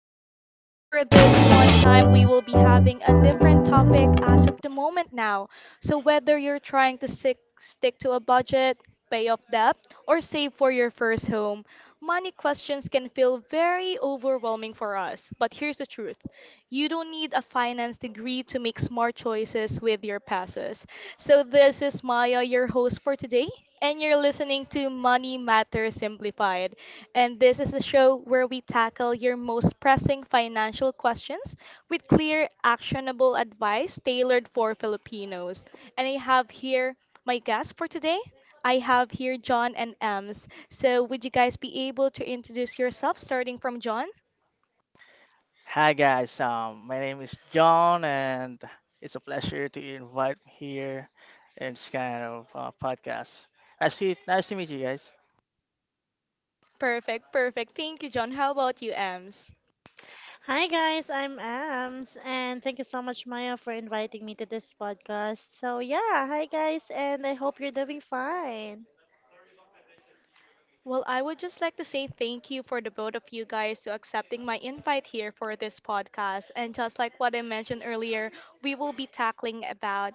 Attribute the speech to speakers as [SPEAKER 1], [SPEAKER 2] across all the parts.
[SPEAKER 1] So, for this one time, we will be having a different topic as of the moment now. So, whether you're trying to stick to a budget, pay off debt, or save for your first home, money questions can feel very overwhelming for us. But here's the truth: you don't need a finance degree to make smart choices with your passes. So, this is Maya, your host for today, and you're listening to Money Matters Simplified. And this is a show where we tackle your most pressing financial questions with clear, actionable advice tailored for Filipinos. And I have here my guest for today. I have here John and Ems. So, would you guys be able to introduce yourself starting from John?
[SPEAKER 2] Hi guys, my name is John, and it's a pleasure to invite me here in this kind of podcast. Nice to meet you guys.
[SPEAKER 1] Perfect, perfect. Thank you, John. How about you, Ems?
[SPEAKER 3] Hi guys, I'm Ams, and thank you so much, Maya, for inviting me to this podcast. So yeah, hi guys, and I hope you're doing fine.
[SPEAKER 1] Well, I would just like to say thank you for the both of you guys to accepting my invite here for this podcast. And just like what I mentioned earlier, we will be tackling about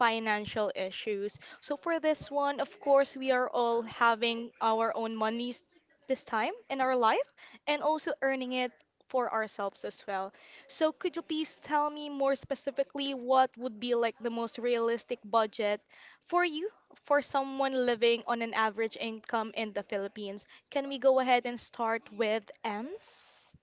[SPEAKER 1] financial issues. So for this one, of course, we are all having our own monies this time in our life and also earning it for ourselves as well. So could you please tell me more specifically what would be like the most realistic budget for you, for someone living on an average income in the Philippines. Can we go ahead and start with Ems?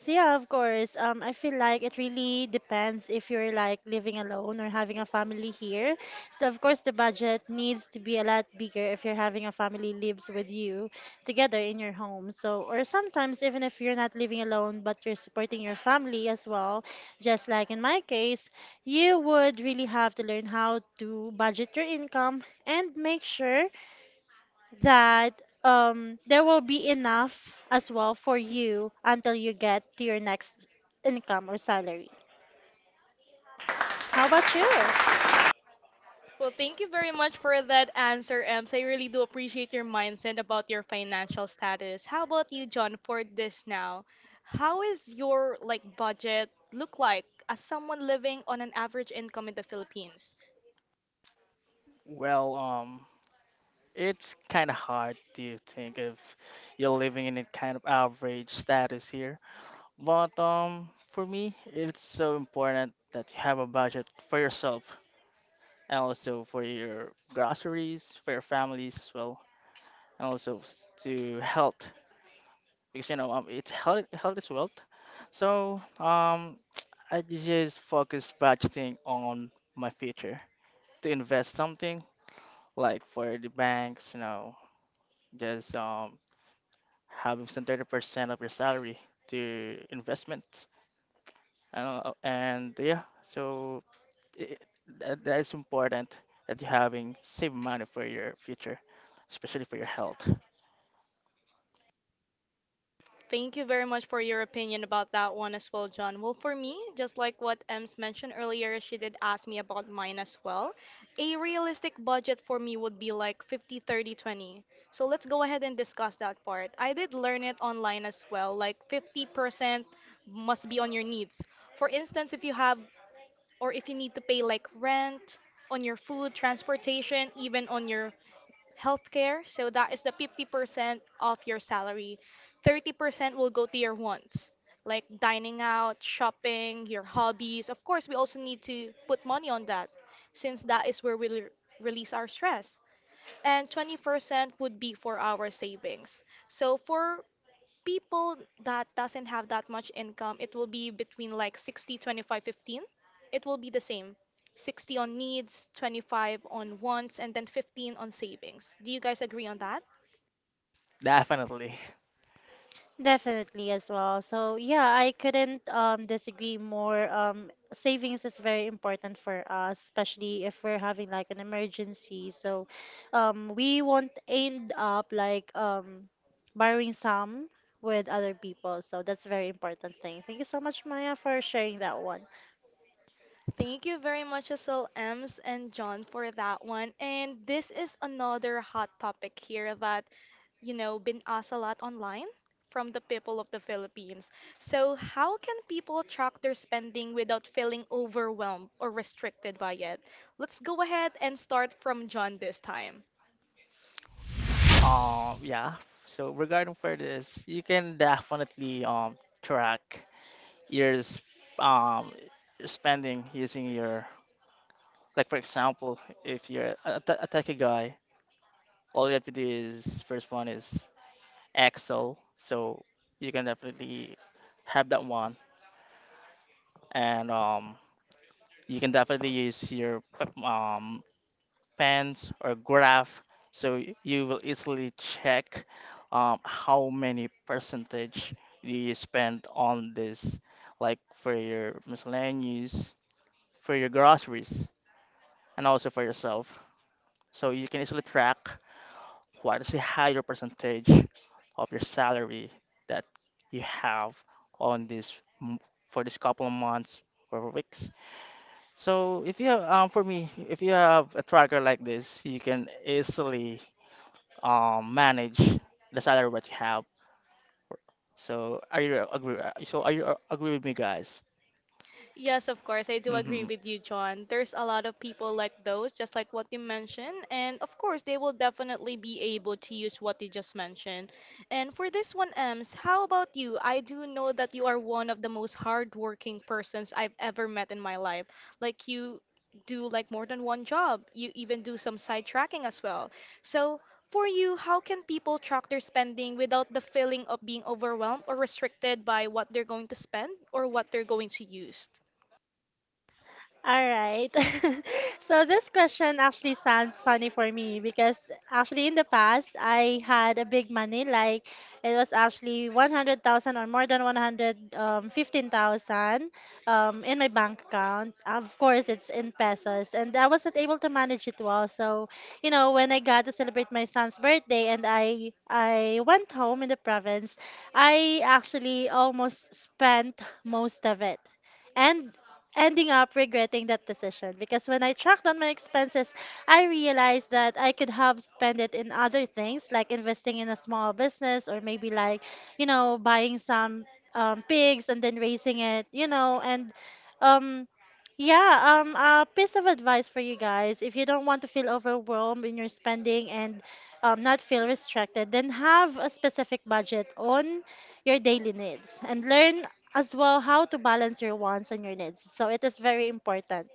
[SPEAKER 3] So yeah, of course. I feel like it really depends if you're like living alone or having a family here. So of course the budget needs to be a lot bigger if you're having a family lives with you together in your home. So or sometimes even if you're not living alone but you're supporting your family as well, just like in my case, you would really have to learn how to budget your income and make sure that there will be enough as well for you until you get to your next income or salary. How about you?
[SPEAKER 1] Well, thank you very much for that answer, Ems. I really do appreciate your mindset about your financial status. How about you, John, for this now? How is your like budget look like as someone living on an average income in the Philippines?
[SPEAKER 2] Well, it's kind of hard to think if you're living in a kind of average status here, but for me, it's so important that you have a budget for yourself and also for your groceries, for your families as well, and also to health. Because you know it's health is wealth. So I just focus budgeting on my future to invest something like for the banks, you know, just having some 30% of your salary to investment. And yeah, so it, that is important that you're having save money for your future, especially for your health.
[SPEAKER 1] Thank you very much for your opinion about that one as well, John. Well, for me, just like what Ems mentioned earlier, she did ask me about mine as well. A realistic budget for me would be like 50, 30, 20. So let's go ahead and discuss that part. I did learn it online as well. Like 50% must be on your needs. For instance, if you have or if you need to pay like rent, on your food, transportation, even on your healthcare. So that is the 50% of your salary. 30% will go to your wants, like dining out, shopping, your hobbies. Of course, we also need to put money on that since that is where we release our stress. And 20% would be for our savings. So for people that doesn't have that much income, it will be between like 60, 25, 15. It will be the same. 60 on needs, 25 on wants, and then 15 on savings. Do you guys agree on that?
[SPEAKER 2] Definitely.
[SPEAKER 3] Definitely as well. So yeah, I couldn't disagree more. Savings is very important for us, especially if we're having like an emergency. So we won't end up like borrowing some with other people. So that's a very important thing. Thank you so much, Maya, for sharing that one.
[SPEAKER 1] Thank you very much as well, Ems and John, for that one. And this is another hot topic here that, you know, been asked a lot online from the people of the Philippines. So, how can people track their spending without feeling overwhelmed or restricted by it? Let's go ahead and start from John this time.
[SPEAKER 2] Yeah. So regarding for this, you can definitely track your s- um your spending using your like for example, if you're a techie guy, all you have to do is first one is Excel, so you can definitely have that one, and you can definitely use your um pans or graph so you will easily check how many percentage you spend on this like for your miscellaneous, for your groceries, and also for yourself, so you can easily track what is the higher percentage of your salary that you have on this m- for this couple of months or weeks. So if you have for me, if you have a tracker like this, you can easily manage the salary what you have. So are you agree? So are you agree with me, guys?
[SPEAKER 1] Yes, of course. I do agree
[SPEAKER 2] Hmm.
[SPEAKER 1] with you, John. There's a lot of people like those, just like what you mentioned. And of course, they will definitely be able to use what you just mentioned. And for this one, Ems, how about you? I do know that you are one of the most hardworking persons I've ever met in my life. Like you do like more than one job. You even do some side tracking as well. So for you, how can people track their spending without the feeling of being overwhelmed or restricted by what they're going to spend or what they're going to use?
[SPEAKER 3] All right. So this question actually sounds funny for me because actually in the past I had a big money like it was actually 100,000 or more than 115,000 in my bank account. Of course it's in pesos and I was not able to manage it well. So, you know, when I got to celebrate my son's birthday and I went home in the province, I actually almost spent most of it. And ending up regretting that decision because when I tracked down my expenses, I realized that I could have spent it in other things like investing in a small business or maybe like, you know, buying some pigs and then raising it, you know, and um, yeah, a piece of advice for you guys. If you don't want to feel overwhelmed in your spending and not feel restricted, then have a specific budget on your daily needs and learn as well how to balance your wants and your needs. So it is very important.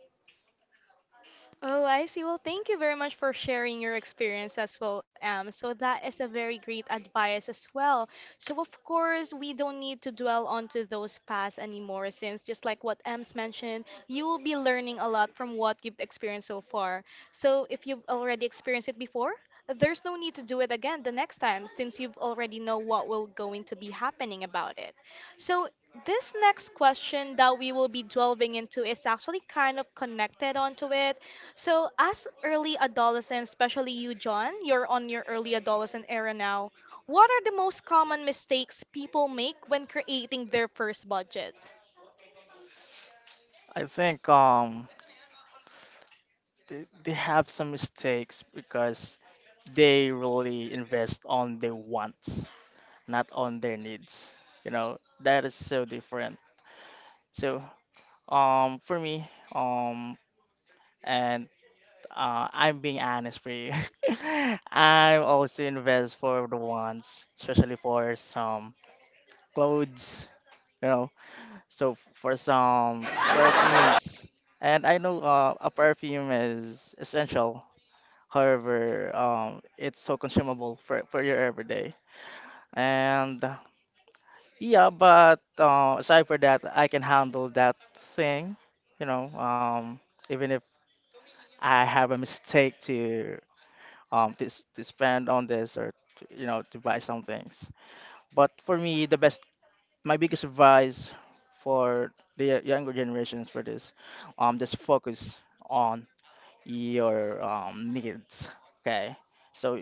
[SPEAKER 1] Oh, I see. Well, thank you very much for sharing your experience as well, Am. So that is a very great advice as well. So of course, we don't need to dwell onto those past anymore, since just like what Am's mentioned, you will be learning a lot from what you've experienced so far. So if you've already experienced it before, there's no need to do it again the next time, since you've already know what will going to be happening about it. So, this next question that we will be delving into is actually kind of connected onto it. So, as early adolescents, especially you, John, you're on your early adolescent era now. What are the most common mistakes people make when creating their first budget?
[SPEAKER 2] I think they have some mistakes because they really invest on their wants, not on their needs. You know, that is so different. So for me, um and I'm being honest for you. I'm also invest for the wants, especially for some clothes. You know. So for some perfumes, and I know a perfume is essential. However, it's so consumable for your everyday. And yeah, but aside for that, I can handle that thing, you know, even if I have a mistake to to spend on this or to, you know, to buy some things. But for me, the best my biggest advice for the younger generations for this, just focus on your needs. Okay, so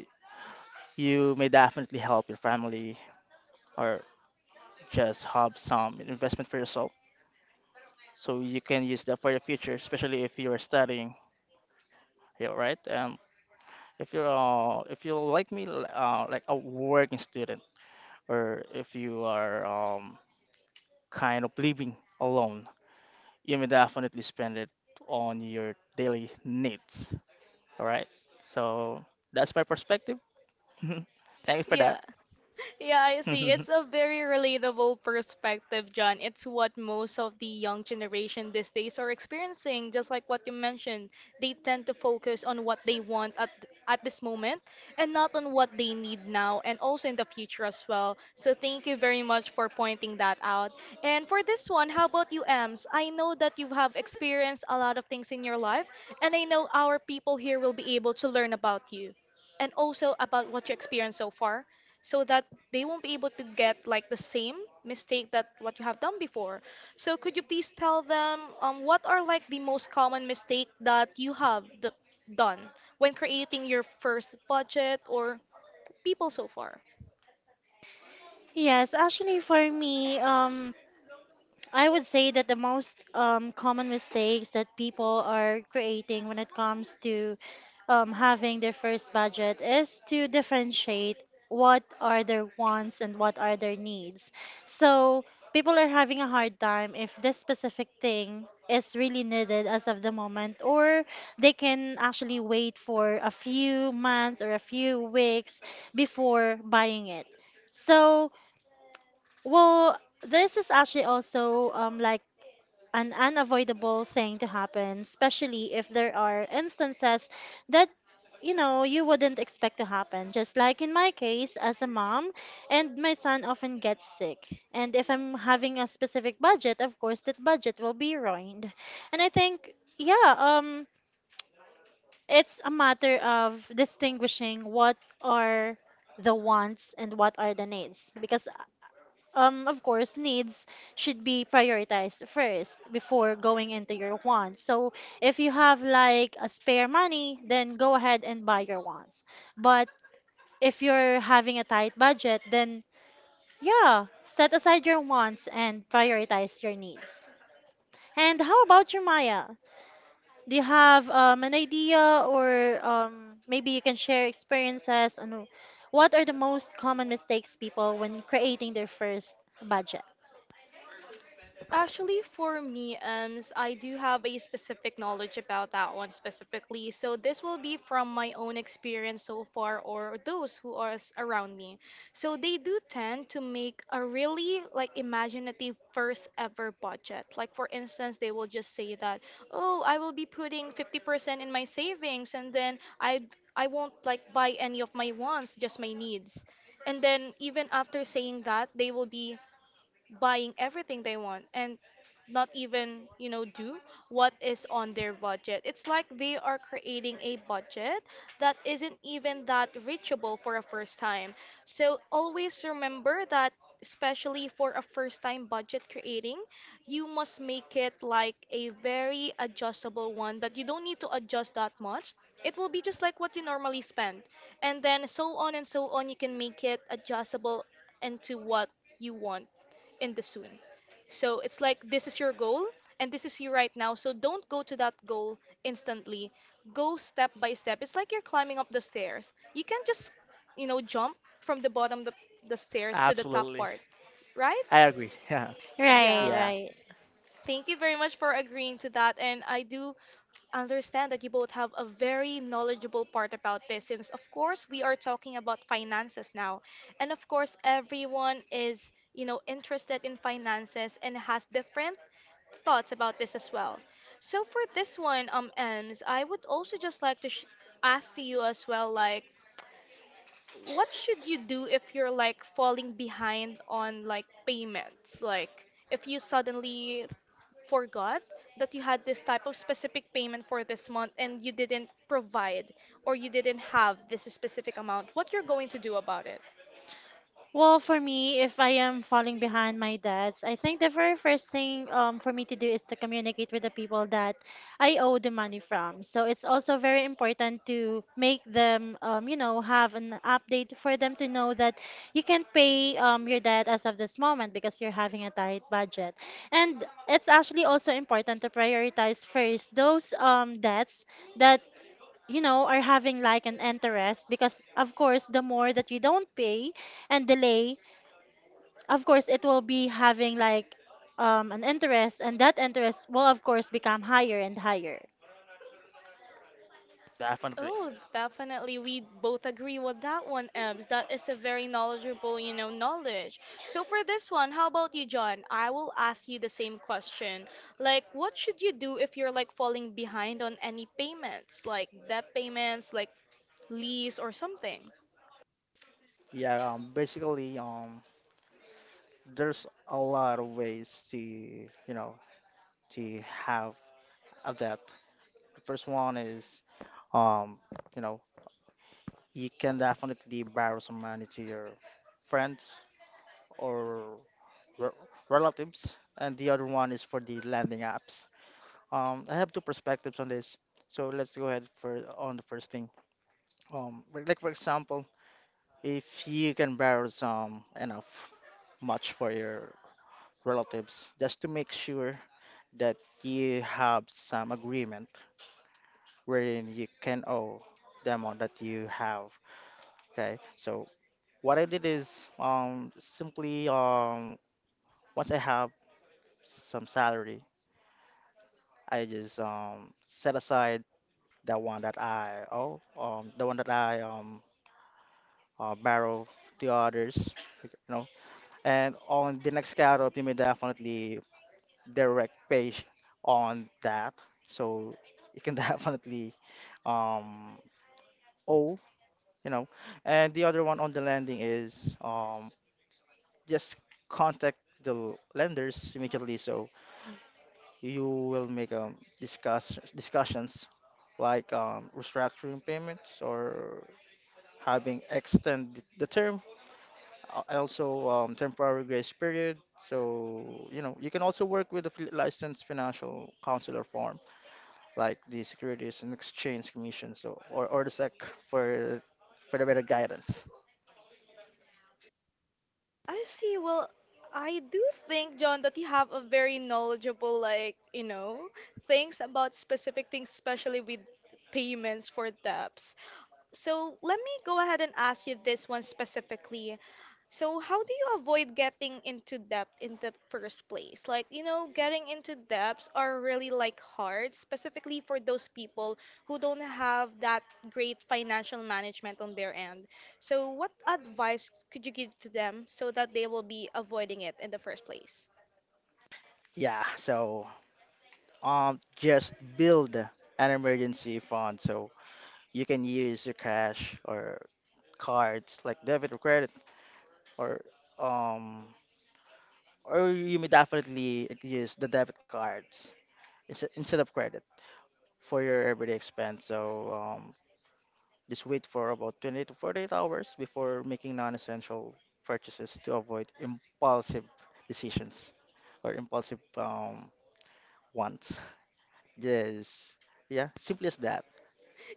[SPEAKER 2] you may definitely help your family or just have some investment for yourself, so you can use that for your future, especially if you are studying, yeah, right? If you're if you're like me, like a working student, or if you are kind of living alone, you may definitely spend it on your daily needs. All right. So that's my perspective. Thank you for
[SPEAKER 1] Yeah.
[SPEAKER 2] that.
[SPEAKER 1] Yeah, I see. It's a very relatable perspective, John. It's what most of the young generation these days are experiencing, just like what you mentioned. They tend to focus on what they want at this moment and not on what they need now and also in the future as well. So thank you very much for pointing that out. And for this one, how about you, Ems? I know that you have experienced a lot of things in your life, and I know our people here will be able to learn about you and also about what you experienced so far so that they won't be able to get like the same mistake that what you have done before. So could you please tell them what are like the most common mistake that you have done when creating your first budget or people so far?
[SPEAKER 3] Yes, actually for me, I would say that the most common mistakes that people are creating when it comes to having their first budget is to differentiate what are their wants and what are their needs. So people are having a hard time if this specific thing is really needed as of the moment, or they can actually wait for a few months or a few weeks before buying it. So, well, this is actually also like an unavoidable thing to happen, especially if there are instances that you know you wouldn't expect to happen. Just like in my case as a mom, and my son often gets sick. And if I'm having a specific budget, of course that budget will be ruined. And I think yeah, it's a matter of distinguishing what are the wants and what are the needs because of course, needs should be prioritized first before going into your wants. So if you have like a spare money, then go ahead and buy your wants. But if you're having a tight budget, then yeah, set aside your wants and prioritize your needs. And how about you, Maya? Do you have an idea or maybe you can share experiences on what are the most common mistakes people when creating their first budget?
[SPEAKER 1] Actually, for me, I do have a specific knowledge about that one specifically. So this will be from my own experience so far, or those who are around me. So they do tend to make a really like imaginative first ever budget. Like for instance, they will just say that, oh, I will be putting 50% in my savings, and then I won't like buy any of my wants, just my needs. And then even after saying that, they will be buying everything they want and not even, you know, do what is on their budget. It's like they are creating a budget that isn't even that reachable for a first time. So always remember that, especially for a first time budget creating, you must make it like a very adjustable one that you don't need to adjust that much. It will be just like what you normally spend, and then so on and so on you can make it adjustable into what you want in the soon. So it's like this is your goal and this is you right now. So don't go to that goal instantly. Go step by step. It's like you're climbing up the stairs. You can not just, you know, jump from the bottom the stairs to the top
[SPEAKER 2] Absolutely.
[SPEAKER 1] part, right?
[SPEAKER 2] I agree. Yeah.
[SPEAKER 3] Right,
[SPEAKER 1] Yeah.
[SPEAKER 2] Yeah.
[SPEAKER 3] right.
[SPEAKER 1] Thank you very much for agreeing to that. And I do understand that you both have a very knowledgeable part about this since, of course, we are talking about finances now. And of course, everyone is, you know, interested in finances and has different thoughts about this as well. So for this one, Ems, I would also just like to sh ask to you as well, like, what should you do if you're like falling behind on like payments? Like if you suddenly forgot that you had this type of specific payment for this month and you didn't provide or you didn't have this specific amount, what you're going to do about it?
[SPEAKER 3] Well, for me, if I am falling behind my debts, I think the very first thing for me to do is to communicate with the people that I owe the money from. So it's also very important to make them, you know, have an update for them to know that you can't pay your debt as of this moment because you're having a tight budget. And it's actually also important to prioritize first those debts that you know, are having like an interest because of course the more that you don't pay and delay, of course it will be having like an interest and that interest will of course become higher and higher.
[SPEAKER 2] Definitely.
[SPEAKER 1] Oh, definitely. We both agree with that one, Ems. That is a very knowledgeable, you know, knowledge. So for this one, how about you, John? I will ask you the same question. Like, what should you do if you're like falling behind on any payments, like debt payments, like lease or something?
[SPEAKER 2] Yeah, basically, there's a lot of ways to, you know, to have a debt. The first one is, um, you know, you can definitely borrow some money to your friends or re- relatives, and the other one is for the landing apps. I have two perspectives on this. So let's go ahead for on the first thing. Like for example, if you can borrow some enough much for your relatives, just to make sure that you have some agreement wherein you can owe them all that you have. Okay. So what I did is simply once I have some salary, I just set aside the one that I oh the one that I borrow the others, you know. And on the next carrot, you may definitely direct page on that, so you can definitely um oh you know. And the other one on the landing is just contact the lenders immediately, so you will make discussions like restructuring payments or having extend the term, also temporary grace period. So, you know, you can also work with a licensed financial counselor form, like the Securities and Exchange Commission, so or the SEC for for the better guidance.
[SPEAKER 1] I see. Well, I do think, John, that you have a very knowledgeable, like, you know, things about specific things, especially with payments for debts. So let me go ahead and ask you this one specifically. So how do you avoid getting into debt in the first place? Like, you know, getting into debts are really like hard, specifically for those people who don't have that great financial management on their end. So what advice could you give to them so that they will be avoiding it in the first place?
[SPEAKER 2] Yeah, so just build an emergency fund so you can use your cash or cards like debit or credit or um or you may definitely use the debit cards instead of credit for your everyday expense. So just wait for about 20 to 48 hours before making non-essential purchases to avoid impulsive decisions or impulsive wants. Yes, yeah, simple as that.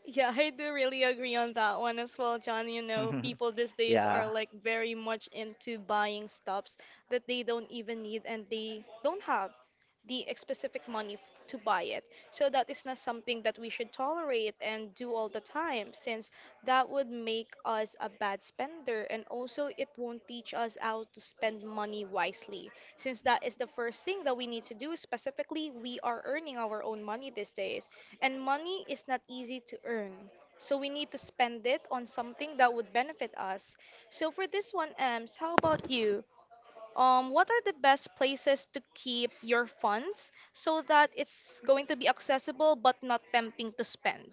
[SPEAKER 1] Yeah, I do really agree on that one as well, John. You know, people these days are
[SPEAKER 2] Yeah,
[SPEAKER 1] like very much into buying stuffs that they don't even need and they don't have the specific money to buy it. So that is not something that we should tolerate and do all the time, since that would make us a bad spender and also it won't teach us how to spend money wisely, since that is the first thing that we need to do specifically we are earning our own money these days, and money is not easy to earn. So we need to spend it on something that would benefit us. So for this one, Ems, how about you? What are the best places to keep your funds so that it's going to be accessible but not tempting to spend?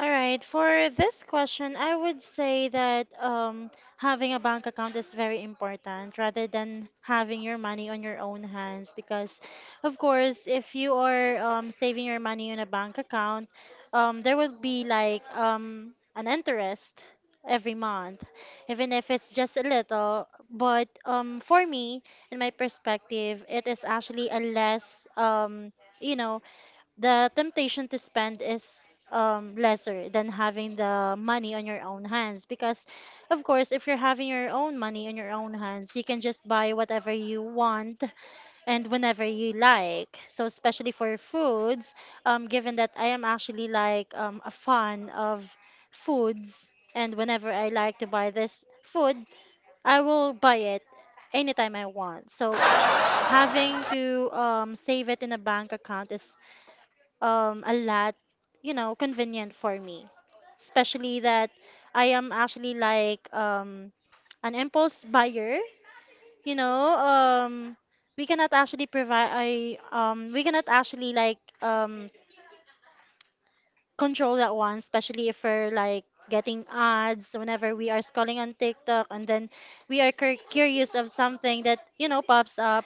[SPEAKER 3] All right, for this question, I would say that having a bank account is very important rather than having your money on your own hands. Because, of course, if you are saving your money in a bank account, there will be like an interest every month, even if it's just a little. But for me, in my perspective, it is actually a less, you know, the temptation to spend is lesser than having the money on your own hands because of course if you're having your own money on your own hands you can just buy whatever you want and whenever you like, so especially for foods, given that I am actually like a fan of foods, and whenever I like to buy this food I will buy it anytime I want. So having to save it in a bank account is a lot, you know, convenient for me. Especially that I am actually like an impulse buyer, you know. We cannot actually we cannot actually like control that one, especially if we're like getting ads whenever we are scrolling on TikTok, and then we are curious of something that, you know, pops up.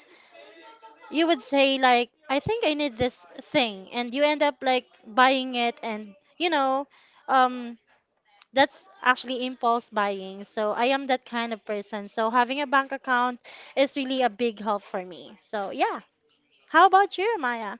[SPEAKER 3] You would say like, I think I need this thing, and you end up like buying it, and you know, um that's actually impulse buying. So I am that kind of person, so having a bank account is really a big help for me. So yeah, how about you, Maya?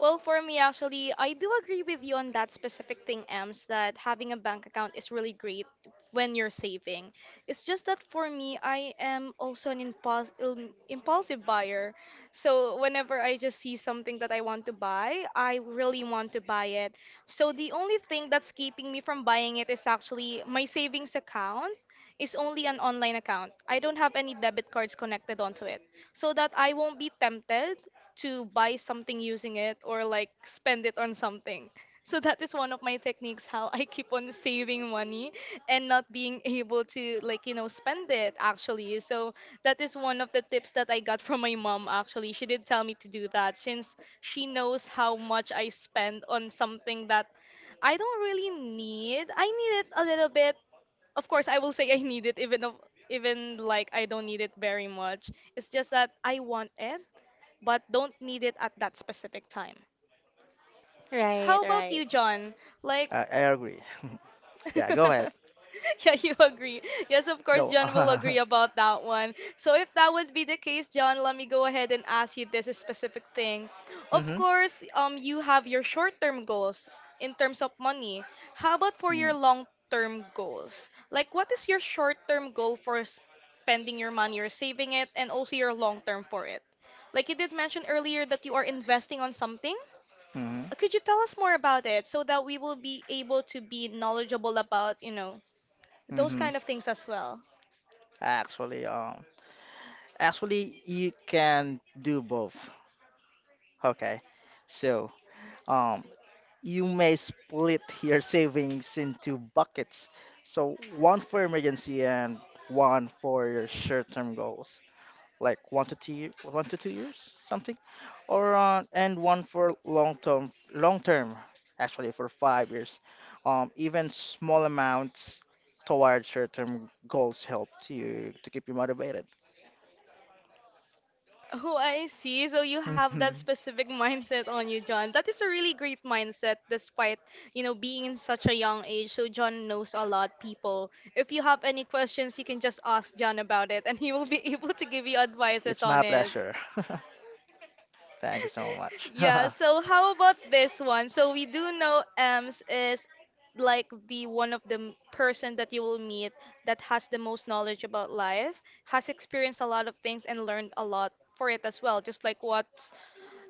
[SPEAKER 1] Well, for me, actually, I do agree with you on that specific thing, Ems, that having a bank account is really great when you're saving. It's just that for me, I am also an impulsive buyer. So whenever I just see something that I want to buy, I really want to buy it. So the only thing that's keeping me from buying it is actually my savings account is only an online account. I don't have any debit cards connected onto it so that I won't be tempted to buy something using it or like spend it on something. So that is one of my techniques how I keep on saving money and not being able to like spend it actually. So that is one of the tips that I got from my mom actually. She did tell me to do that since she knows how much I spend on something that I don't really need. I need it a little bit. Of course, I will say I need it even if even like I don't need it very much. It's just that I want it but don't need it at that specific time. So how
[SPEAKER 3] Right,
[SPEAKER 1] about
[SPEAKER 3] right.
[SPEAKER 1] you, John? Like,
[SPEAKER 2] I agree. Yeah, go ahead.
[SPEAKER 1] Yeah, you agree. Yes, of course,
[SPEAKER 2] No.
[SPEAKER 1] John will agree
[SPEAKER 2] Uh
[SPEAKER 1] about that one. So, if that would be the case, John, let me go ahead and ask you this specific thing. Of
[SPEAKER 2] hmm
[SPEAKER 1] course, you have your short-term goals in terms of money. How about for your long-term goals? Like, what is your short-term goal for spending your money or saving it, and also your long-term for it? Like you did mention earlier that you are investing on something.
[SPEAKER 2] Mm-hmm.
[SPEAKER 1] Could you tell us more about it so that we will be able to be knowledgeable about, you know, those
[SPEAKER 2] Mm-hmm.
[SPEAKER 1] kind of things as well?
[SPEAKER 2] Actually, actually, you can do both. Okay, so um, you may split your savings into buckets. So one for emergency and one for your short-term goals, like one to two years, something, or and one for long-term, actually for five years. Even small amounts towards short-term goals help you to keep you motivated.
[SPEAKER 1] Oh, I see. So you have that specific mindset on you, John. That is a really great mindset despite, you know, being in such a young age. So John knows a lot people. If you have any questions, you can just ask John about it and he will be able to give you advices
[SPEAKER 2] It's
[SPEAKER 1] on
[SPEAKER 2] my
[SPEAKER 1] it.
[SPEAKER 2] pleasure. Thank you so much.
[SPEAKER 1] Yeah, so how about this one? So we do know Ems is like the one of the person that you will meet that has the most knowledge about life, has experienced a lot of things and learned a lot for it as well, just like what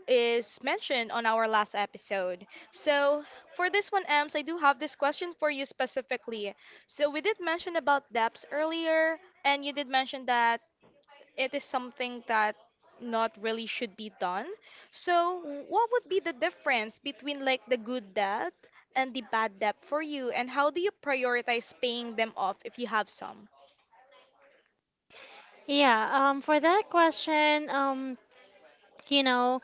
[SPEAKER 1] is mentioned on our last episode. So for this one, Ems, I do have this question for you specifically. So we did mention about depths earlier, and you did mention that it is something that not really should be done. So, what would be the difference between like the good debt and the bad debt for you, and how do you prioritize paying them off if you have some?
[SPEAKER 3] Yeah, for that question, you know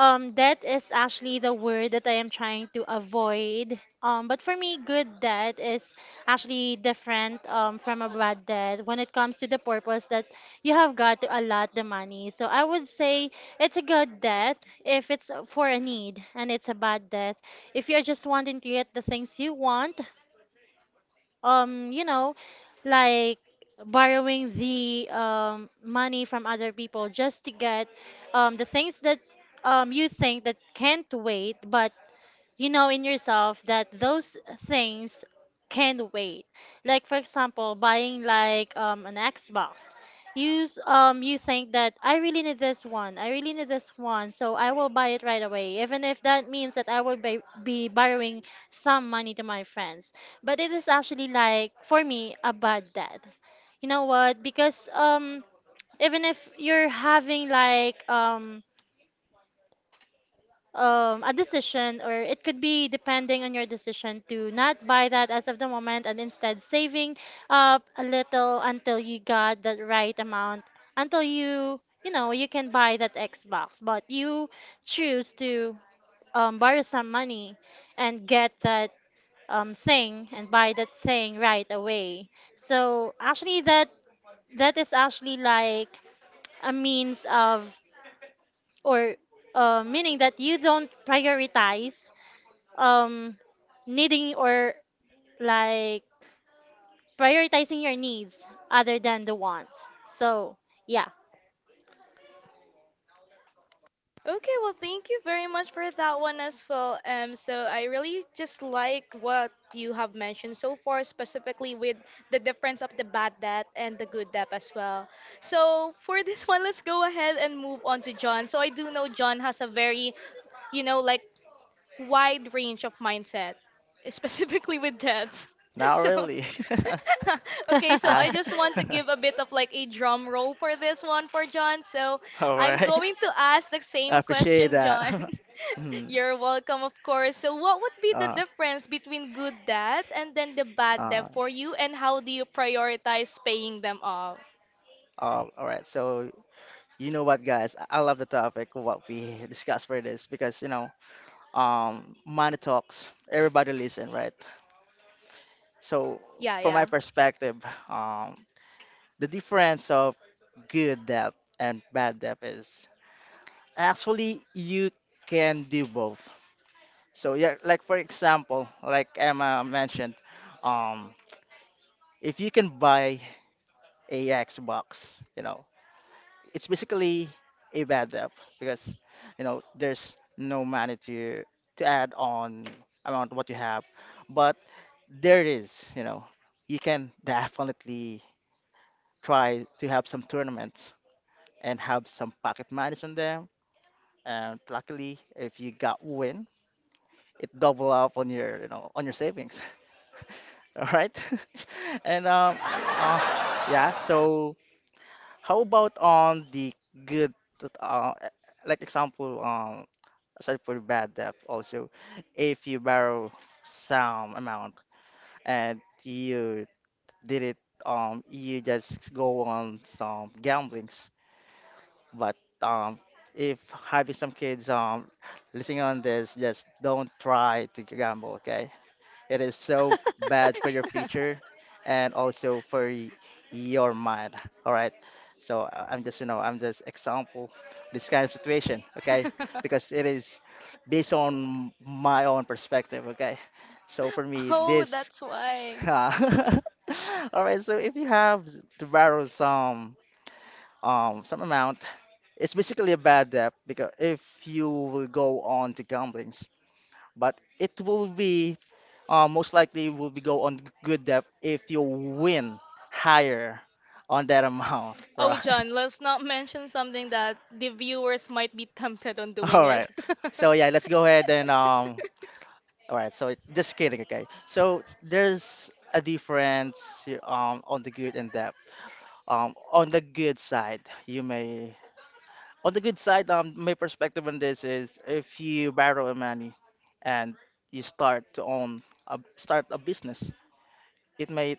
[SPEAKER 3] That is actually the word that I am trying to avoid. But for me, good debt is actually different from a bad debt when it comes to the purpose that you have got to allot the money. So I would say it's a good debt if it's for a need, and it's a bad debt if you're just wanting to get the things you want, you know, like borrowing the money from other people just to get the things that you think that can't wait, but you know in yourself that those things can wait. Like for example, buying like an Xbox. You you think that I really need this one. I really need this one, so I will buy it right away, even if that means that I will be borrowing some money to my friends. But it is actually like for me a bad debt. You know what? Because even if you're having like a decision, or it could be depending on your decision to not buy that as of the moment and instead saving up a little until you got that right amount, until you know, you can buy that Xbox. But you choose to borrow some money and get that thing and buy that thing right away. So actually, that is actually like a means of or meaning that you don't prioritize um needing or like prioritizing your needs other than the wants. So, yeah.
[SPEAKER 1] Okay, well, thank you very much for that one as well. So I really just like what you have mentioned so far, specifically with the difference of the bad debt and the good debt as well. So for this one, let's go ahead and move on to John. So I do know John has a very, you know, like wide range of mindset, specifically with dads.
[SPEAKER 2] Not
[SPEAKER 1] So,
[SPEAKER 2] really.
[SPEAKER 1] okay, so
[SPEAKER 2] I
[SPEAKER 1] I just want to give a bit of like a drum roll for this one for John. So,
[SPEAKER 2] All
[SPEAKER 1] I'm
[SPEAKER 2] right.
[SPEAKER 1] going to ask the
[SPEAKER 2] I
[SPEAKER 1] same
[SPEAKER 2] appreciate
[SPEAKER 1] question, John.
[SPEAKER 2] that. Mhm.
[SPEAKER 1] You're welcome, of course. So, what would be the
[SPEAKER 2] uh,
[SPEAKER 1] difference between good debt and then the bad
[SPEAKER 2] uh,
[SPEAKER 1] debt for you, and how do you prioritize paying them off?
[SPEAKER 2] all right. So you know what, guys? I love the topic what we discussed for this because you know, money talks. Everybody listen, right? So
[SPEAKER 1] Yeah,
[SPEAKER 2] from my
[SPEAKER 1] yeah.
[SPEAKER 2] perspective, um, the difference of good debt and bad debt is actually you can do both. So yeah, like for example, like Emma mentioned, um, if you can buy a Xbox, you know, it's basically a bad debt because you know there's no money to add on amount what you have, but there is, you know, you can definitely try to have some tournaments and have some pocket monies on them. And luckily, if you got win, it double up on your, you know, on your savings. All right. And yeah. So how about on the good, uh, e- like example, aside for the bad debt also, if you borrow some amount and you did it, you just go on some gamblings. But um, if having some kids listening on this, just don't try to gamble, okay? It is so bad for your future and also for your mind, all right? So I'm just, you know, I'm just example this kind of situation, okay? Because it is based on my own perspective, okay? So for me,
[SPEAKER 1] Oh,
[SPEAKER 2] this,
[SPEAKER 1] that's why.
[SPEAKER 2] all right. So if you have to borrow some amount, it's basically a bad debt because if you will go on to gamblings, but it will be most likely will be go on good debt if you win higher on that amount,
[SPEAKER 1] Oh,
[SPEAKER 2] right?
[SPEAKER 1] John, let's not mention something that the viewers might be tempted on doing
[SPEAKER 2] All right.
[SPEAKER 1] it.
[SPEAKER 2] So yeah, let's go ahead and. All right. So just kidding. Okay. So there's a difference on the good and debt. On the good side, you may on the good side, my perspective on this is if you borrow a money and you start to own a, start a business, it may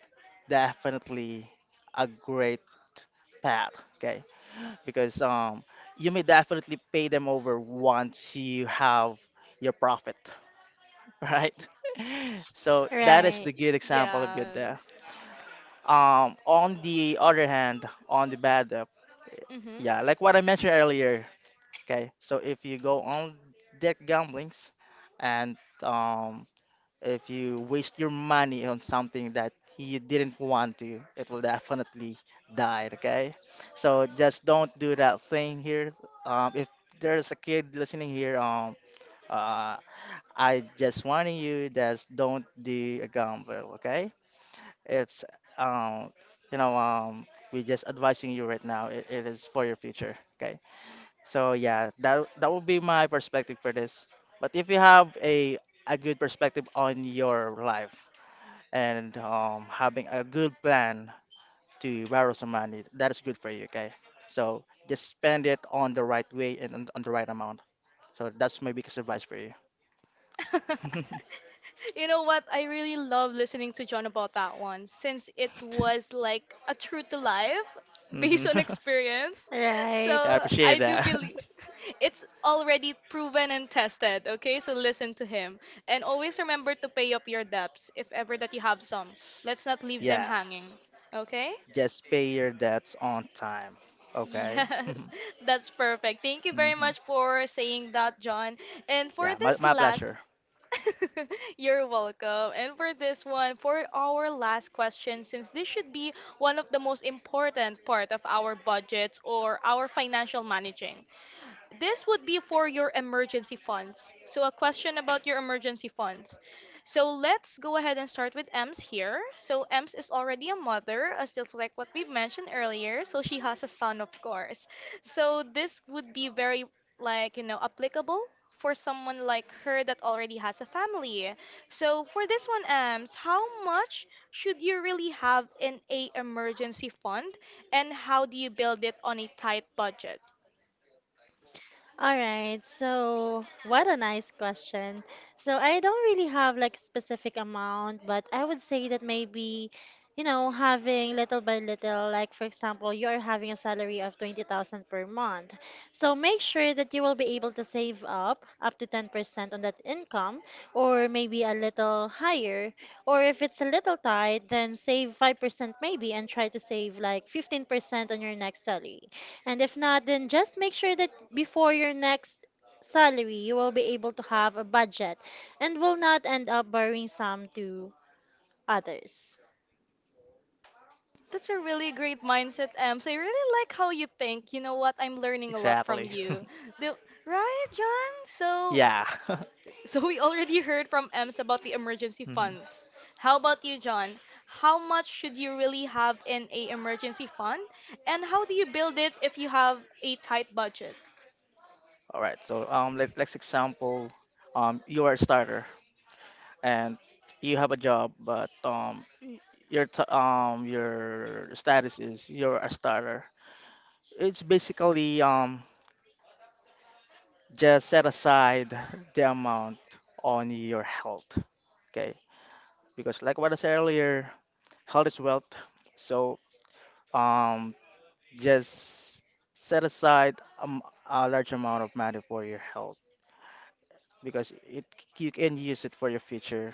[SPEAKER 2] definitely a great path, okay? Because you may definitely pay them over once you have your profit, right? So that is the
[SPEAKER 3] Right.
[SPEAKER 2] good example of good there.
[SPEAKER 1] Yes.
[SPEAKER 2] On the other hand, on the bad,
[SPEAKER 1] hmm
[SPEAKER 2] yeah, like what I mentioned earlier, okay, so if you go on that gamblings and um, if you waste your money on something that you didn't want to, it will definitely die, okay? So just don't do that thing here. If there's a kid listening here, uh, I just warning you, just don't do a gamble, okay? It's um, you know, we just advising you right now. It is for your future, okay? So yeah, that would be my perspective for this. But if you have a good perspective on your life and having a good plan to borrow some money, that is good for you. Okay, so just spend it on the right way and on the right amount. So that's my biggest advice for you.
[SPEAKER 1] You know what? I really love listening to John about that one since it was like a true to life
[SPEAKER 2] Hmm.
[SPEAKER 1] based on experience. So
[SPEAKER 3] Right.
[SPEAKER 2] Yeah, I appreciate
[SPEAKER 1] I do
[SPEAKER 2] that.
[SPEAKER 1] believe it's already proven and tested. Okay, so listen to him. And always remember to pay up your debts if ever that you have some. Let's not leave them hanging.
[SPEAKER 2] Yes,
[SPEAKER 1] Okay?
[SPEAKER 2] just pay your debts on time. Okay.
[SPEAKER 1] Yes, that's perfect. Thank you very
[SPEAKER 2] Hmm.
[SPEAKER 1] much for saying that, John. And for
[SPEAKER 2] Yeah,
[SPEAKER 1] this
[SPEAKER 2] my
[SPEAKER 1] last,
[SPEAKER 2] pleasure.
[SPEAKER 1] you're welcome. And for this one, for our last question, since this should be one of the most important part of our budgets or our financial managing. This would be for your emergency funds. So, a question about your emergency funds. So, let's go ahead and start with Ems here. So, Ems is already a mother, as just like what we mentioned earlier. So, she has a son, of course. So, this would be very, like, you know, applicable for someone like her that already has a family. So, for this one, Ems, how much should you really have in a emergency fund, and how do you build it on a tight budget?
[SPEAKER 3] All right, so what a nice question. So I don't really have like specific amount, but I would say that maybe, you know, having little by little, like for example, you're having a salary of 20,000 per month. So make sure that you will be able to save up up to 10% on that income or maybe a little higher. Or if it's a little tight, then save 5% maybe and try to save like 15% on your next salary. And if not, then just make sure that before your next salary, you will be able to have a budget and will not end up borrowing some to others.
[SPEAKER 1] That's a really great mindset, Em. So I really like how you think. You know what? I'm learning a lot from
[SPEAKER 2] Exactly.
[SPEAKER 1] you. The- right, John? So
[SPEAKER 2] Yeah.
[SPEAKER 1] so we already heard from Ems about the emergency
[SPEAKER 2] Mhm.
[SPEAKER 1] funds. How about you, John? How much should you really have in a emergency fund? And how do you build it if you have a tight budget?
[SPEAKER 2] All right. So let's example, you are a starter and you have a job, but your t your status is you're a starter. It's basically just set aside the amount on your health. Okay, because like what I said earlier, health is wealth. So um just set aside a large amount of money for your health because it you can use it for your future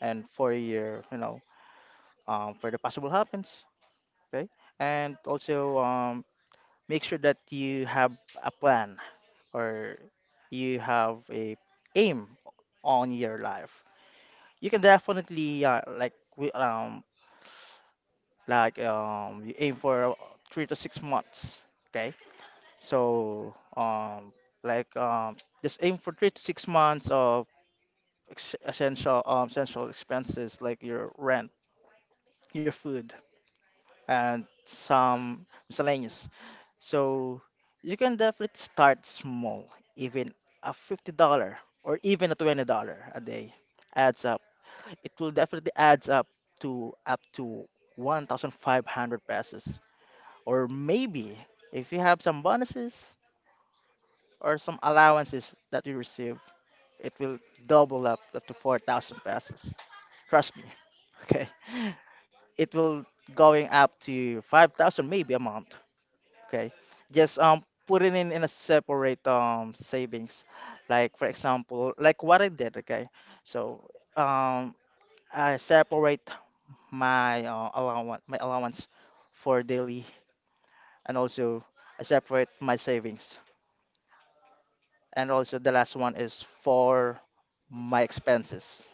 [SPEAKER 2] and for your, you know, for the possible happens. Okay. And also make sure that you have a plan or you have a aim on your life. You can definitely like we like you aim for 3 to 6 months. Okay. So, um, just aim for 3 to 6 months of ex essential, essential expenses like your rent, your food, and some miscellaneous. So, you can definitely start small, even a $50 or even a $20 a day adds up. It will definitely adds up to up to 1,500 pesos, or maybe if you have some bonuses or some allowances that you receive it will double up to 4,000 pesos. Trust me. Okay. It will going up to 5,000 maybe a month. Okay. Just put it in a separate savings. Like for example, like what I did, okay? So um I separate my allowance for daily, and also I separate my savings. And also the last one is for my expenses.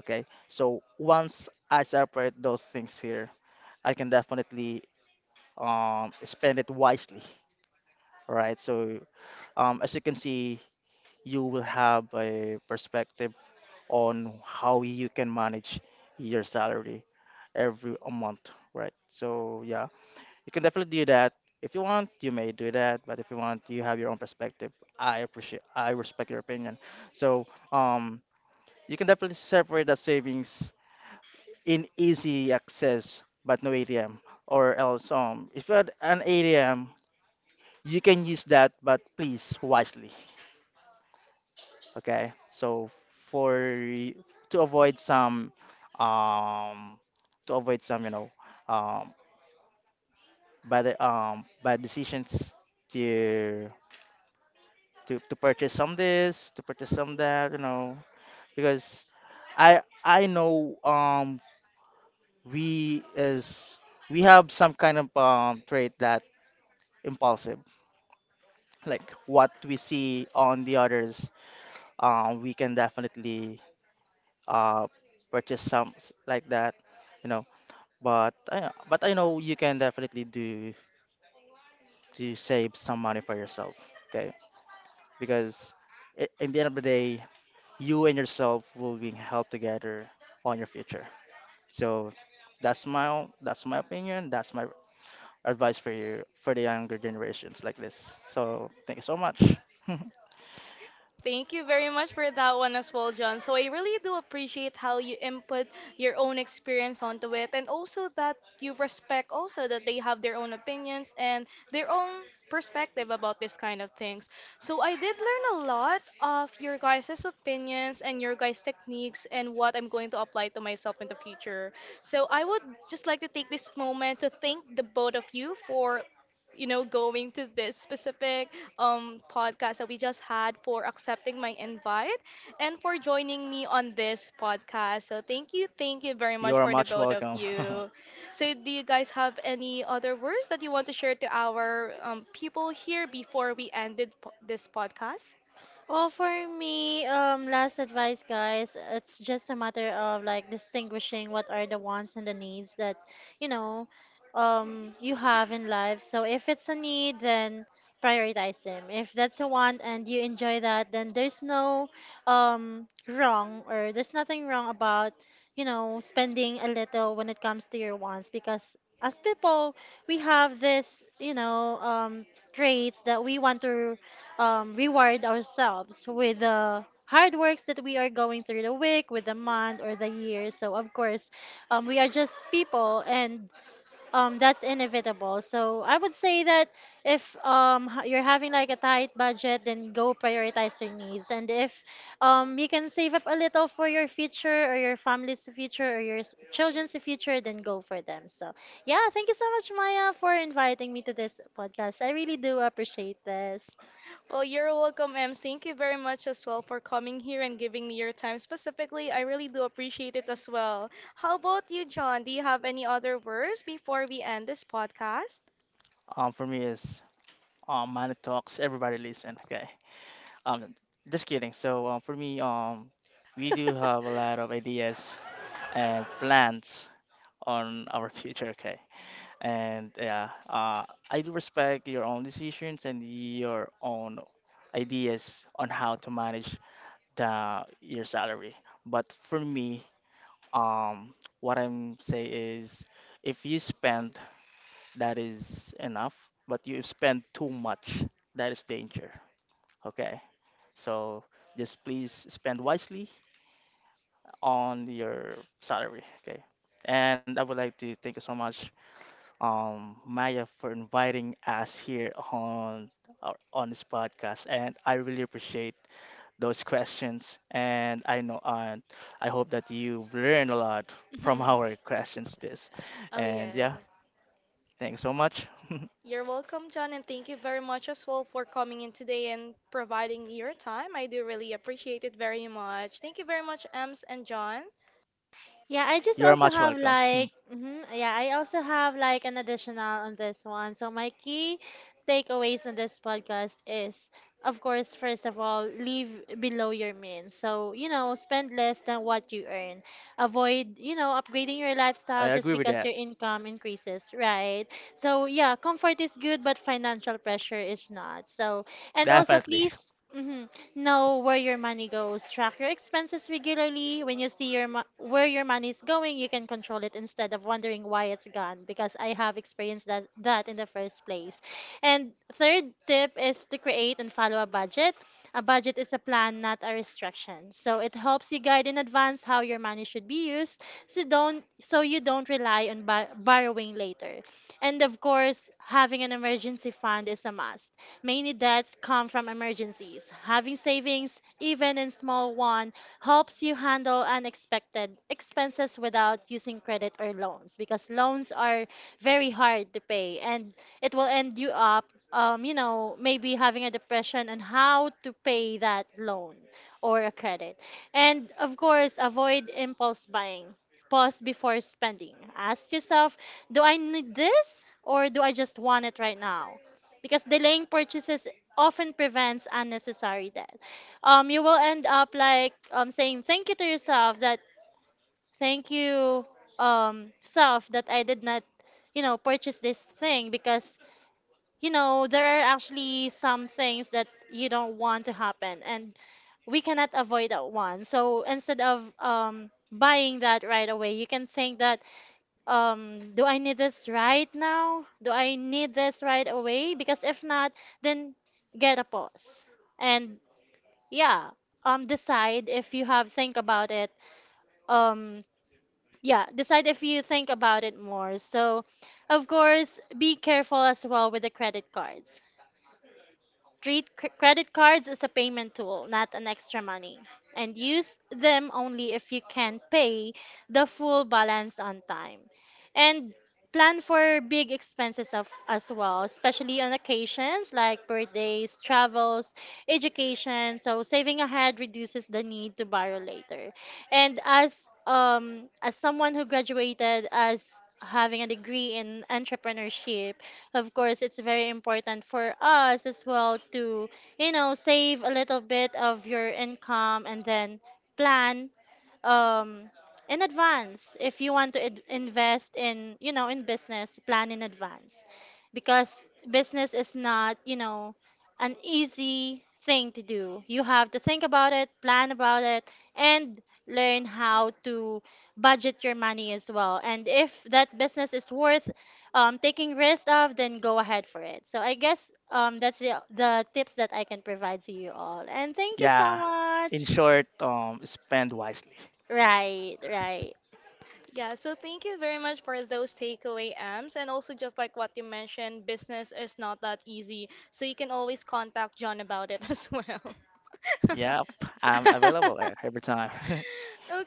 [SPEAKER 2] Okay, so once I separate those things here, I can definitely spend it wisely. All right, so as you can see, you will have a perspective on how you can manage your salary every a month, right? So yeah, you can definitely do that. If you want, you may do that, but if you want, you have your own perspective. I appreciate, I respect your opinion. So um, you can definitely separate that savings in easy access but no ATM, or else if you had an ATM you can use that, but please wisely. Okay, so for y- to avoid some um to avoid some, you know, um bad bad decisions to to purchase some this, to purchase some that, you know. Because I know we is, we have some kind of trait that impulsive. Like what we see on the others, we can definitely uh, purchase some like that, you know. But I know you can definitely do to save some money for yourself, okay? Because in the end of the day, you and yourself will be helped together on your future. So that's my opinion. That's my advice for you, for the younger generations like this. So thank you so much.
[SPEAKER 1] Thank you very much for that one as well, John. So I really do appreciate how you input your own experience onto it and also that you respect also that they have their own opinions and their own perspective about this kind of things. So I did learn a lot of your guys' opinions and your guys' techniques and what I'm going to apply to myself in the future. So I would just like to take this moment to thank the both of you for you know, going to this specific podcast that we just had for accepting my invite and for joining me on this podcast. So thank you very
[SPEAKER 2] You
[SPEAKER 1] much
[SPEAKER 2] are
[SPEAKER 1] for the
[SPEAKER 2] much
[SPEAKER 1] both of
[SPEAKER 2] welcome.
[SPEAKER 1] you. So do you guys have any other words that you want to share to our people here before we ended this podcast?
[SPEAKER 3] Well, for me, last advice, guys, it's just a matter of like distinguishing what are the wants and the needs that, you know, you have in life. So if it's a need, then prioritize them. If that's a want and you enjoy that, then there's no wrong, or there's nothing wrong about, you know, spending a little when it comes to your wants because as people, we have this, you know, traits that we want to reward ourselves with the hard works that we are going through the week, with the month, or the year. So, of course, we are just people, and that's inevitable. So, I would say that if you're having like a tight budget, then go prioritize your needs. And if you can save up a little for your future, or your family's future, or your children's future, then go for them. So, yeah, thank you so much, Maya, for inviting me to this podcast. I really do appreciate this.
[SPEAKER 1] Well, you're welcome, Em. Thank you very much as well for coming here and giving me your time specifically. I really do appreciate it as well. How about you, John? Do you have any other words before we end this podcast?
[SPEAKER 2] For me is Money Talks. Everybody listen. Okay. Um, just kidding. So for me we do have a lot of ideas and plans on our future. Okay. And yeah, I do respect your own decisions and your own ideas on how to manage the your salary. But for me, um, what I'm say is, if you spend that is enough, but you spend too much, that is danger. Okay, so just please spend wisely on your salary. Okay, and I would like to thank you so much, Maya, for inviting us here on on this podcast, and I really appreciate those questions. And I know, and I hope that you've learned a lot from our questions. This,
[SPEAKER 1] Oh,
[SPEAKER 2] and
[SPEAKER 1] yeah.
[SPEAKER 2] yeah, thanks so much.
[SPEAKER 1] You're welcome, John, and thank you very much as well for coming in today and providing your time. I do really appreciate it very much. Thank you very much, Ems and John.
[SPEAKER 3] Yeah, I just
[SPEAKER 2] You're
[SPEAKER 3] also
[SPEAKER 2] much
[SPEAKER 3] have
[SPEAKER 2] welcome.
[SPEAKER 3] like, yeah, I also have like an additional on this one. So my key takeaways on this podcast is, of course, first of all, live below your means. So, you know, spend less than what you earn. Avoid, you know, upgrading your
[SPEAKER 2] I
[SPEAKER 3] lifestyle just
[SPEAKER 2] agree with
[SPEAKER 3] because
[SPEAKER 2] that.
[SPEAKER 3] your income increases, right? So, yeah, comfort is good, but financial pressure is not. So, and also
[SPEAKER 2] Definitely.
[SPEAKER 3] please, mhm, know where your money goes, track your expenses regularly. When you see your where your money is going, you can control it instead of wondering why it's gone because I have experienced that in the first place. And third tip is to create and follow a budget. A budget is a plan, not a restriction. So it helps you guide in advance how your money should be used, so you don't rely on borrowing later. And of course, having an emergency fund is a must. Many debts come from emergencies. Having savings, even in small one, helps you handle unexpected expenses without using credit or loans because loans are very hard to pay and it will end you up you know, maybe having a depression on how to pay that loan or a credit. And of course, avoid impulse buying. Pause before spending. Ask yourself, do I need this or do I just want it right now? Because delaying purchases often prevents unnecessary debt. You will end up like saying thank you to yourself that thank you self that I did not, you know, purchase this thing because, you know, there are actually some things that you don't want to happen and we cannot avoid that one. So instead of buying that right away, you can think that do I need this right now? Do I need this right away? Because if not, then get a pause. And yeah, decide if you have think about it. Um, yeah, decide if you think about it more. So, of course, be careful as well with the credit cards. Treat credit cards as a payment tool, not an extra money, and use them only if you can pay the full balance on time. And plan for big expenses of, as well, especially on occasions like birthdays, travels, education. So saving ahead reduces the need to borrow later. And as someone who graduated as having a degree in entrepreneurship, of course, it's very important for us as well to, you know, save a little bit of your income and then plan um in advance if you want to invest in, you know, in business, plan in advance because business is not, you know, an easy thing to do. You have to think about it, plan about it, and learn how to budget your money as well, and if that business is worth taking risk of, then go ahead for it. So I guess that's the tips that I can provide to you all, and thank you so
[SPEAKER 2] Yeah. In
[SPEAKER 3] much.
[SPEAKER 2] short, spend wisely.
[SPEAKER 3] Right, right.
[SPEAKER 1] Yeah, so thank you very much for those takeaway Ams. And also, just like what you mentioned, business is not that easy. So you can always contact John about it as well.
[SPEAKER 2] Yep. I'm available every time.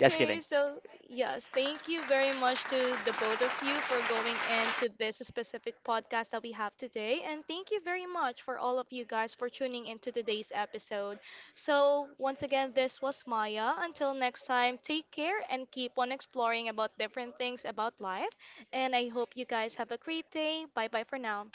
[SPEAKER 2] Just kidding.
[SPEAKER 1] so yes, thank you very much to the both of you for going into this specific podcast that we have today. And thank you very much for all of you guys for tuning into today's episode. So, once again, this was Maya. Until next time, take care and keep on exploring about different things about life. And I hope you guys have a great day. Bye bye for now.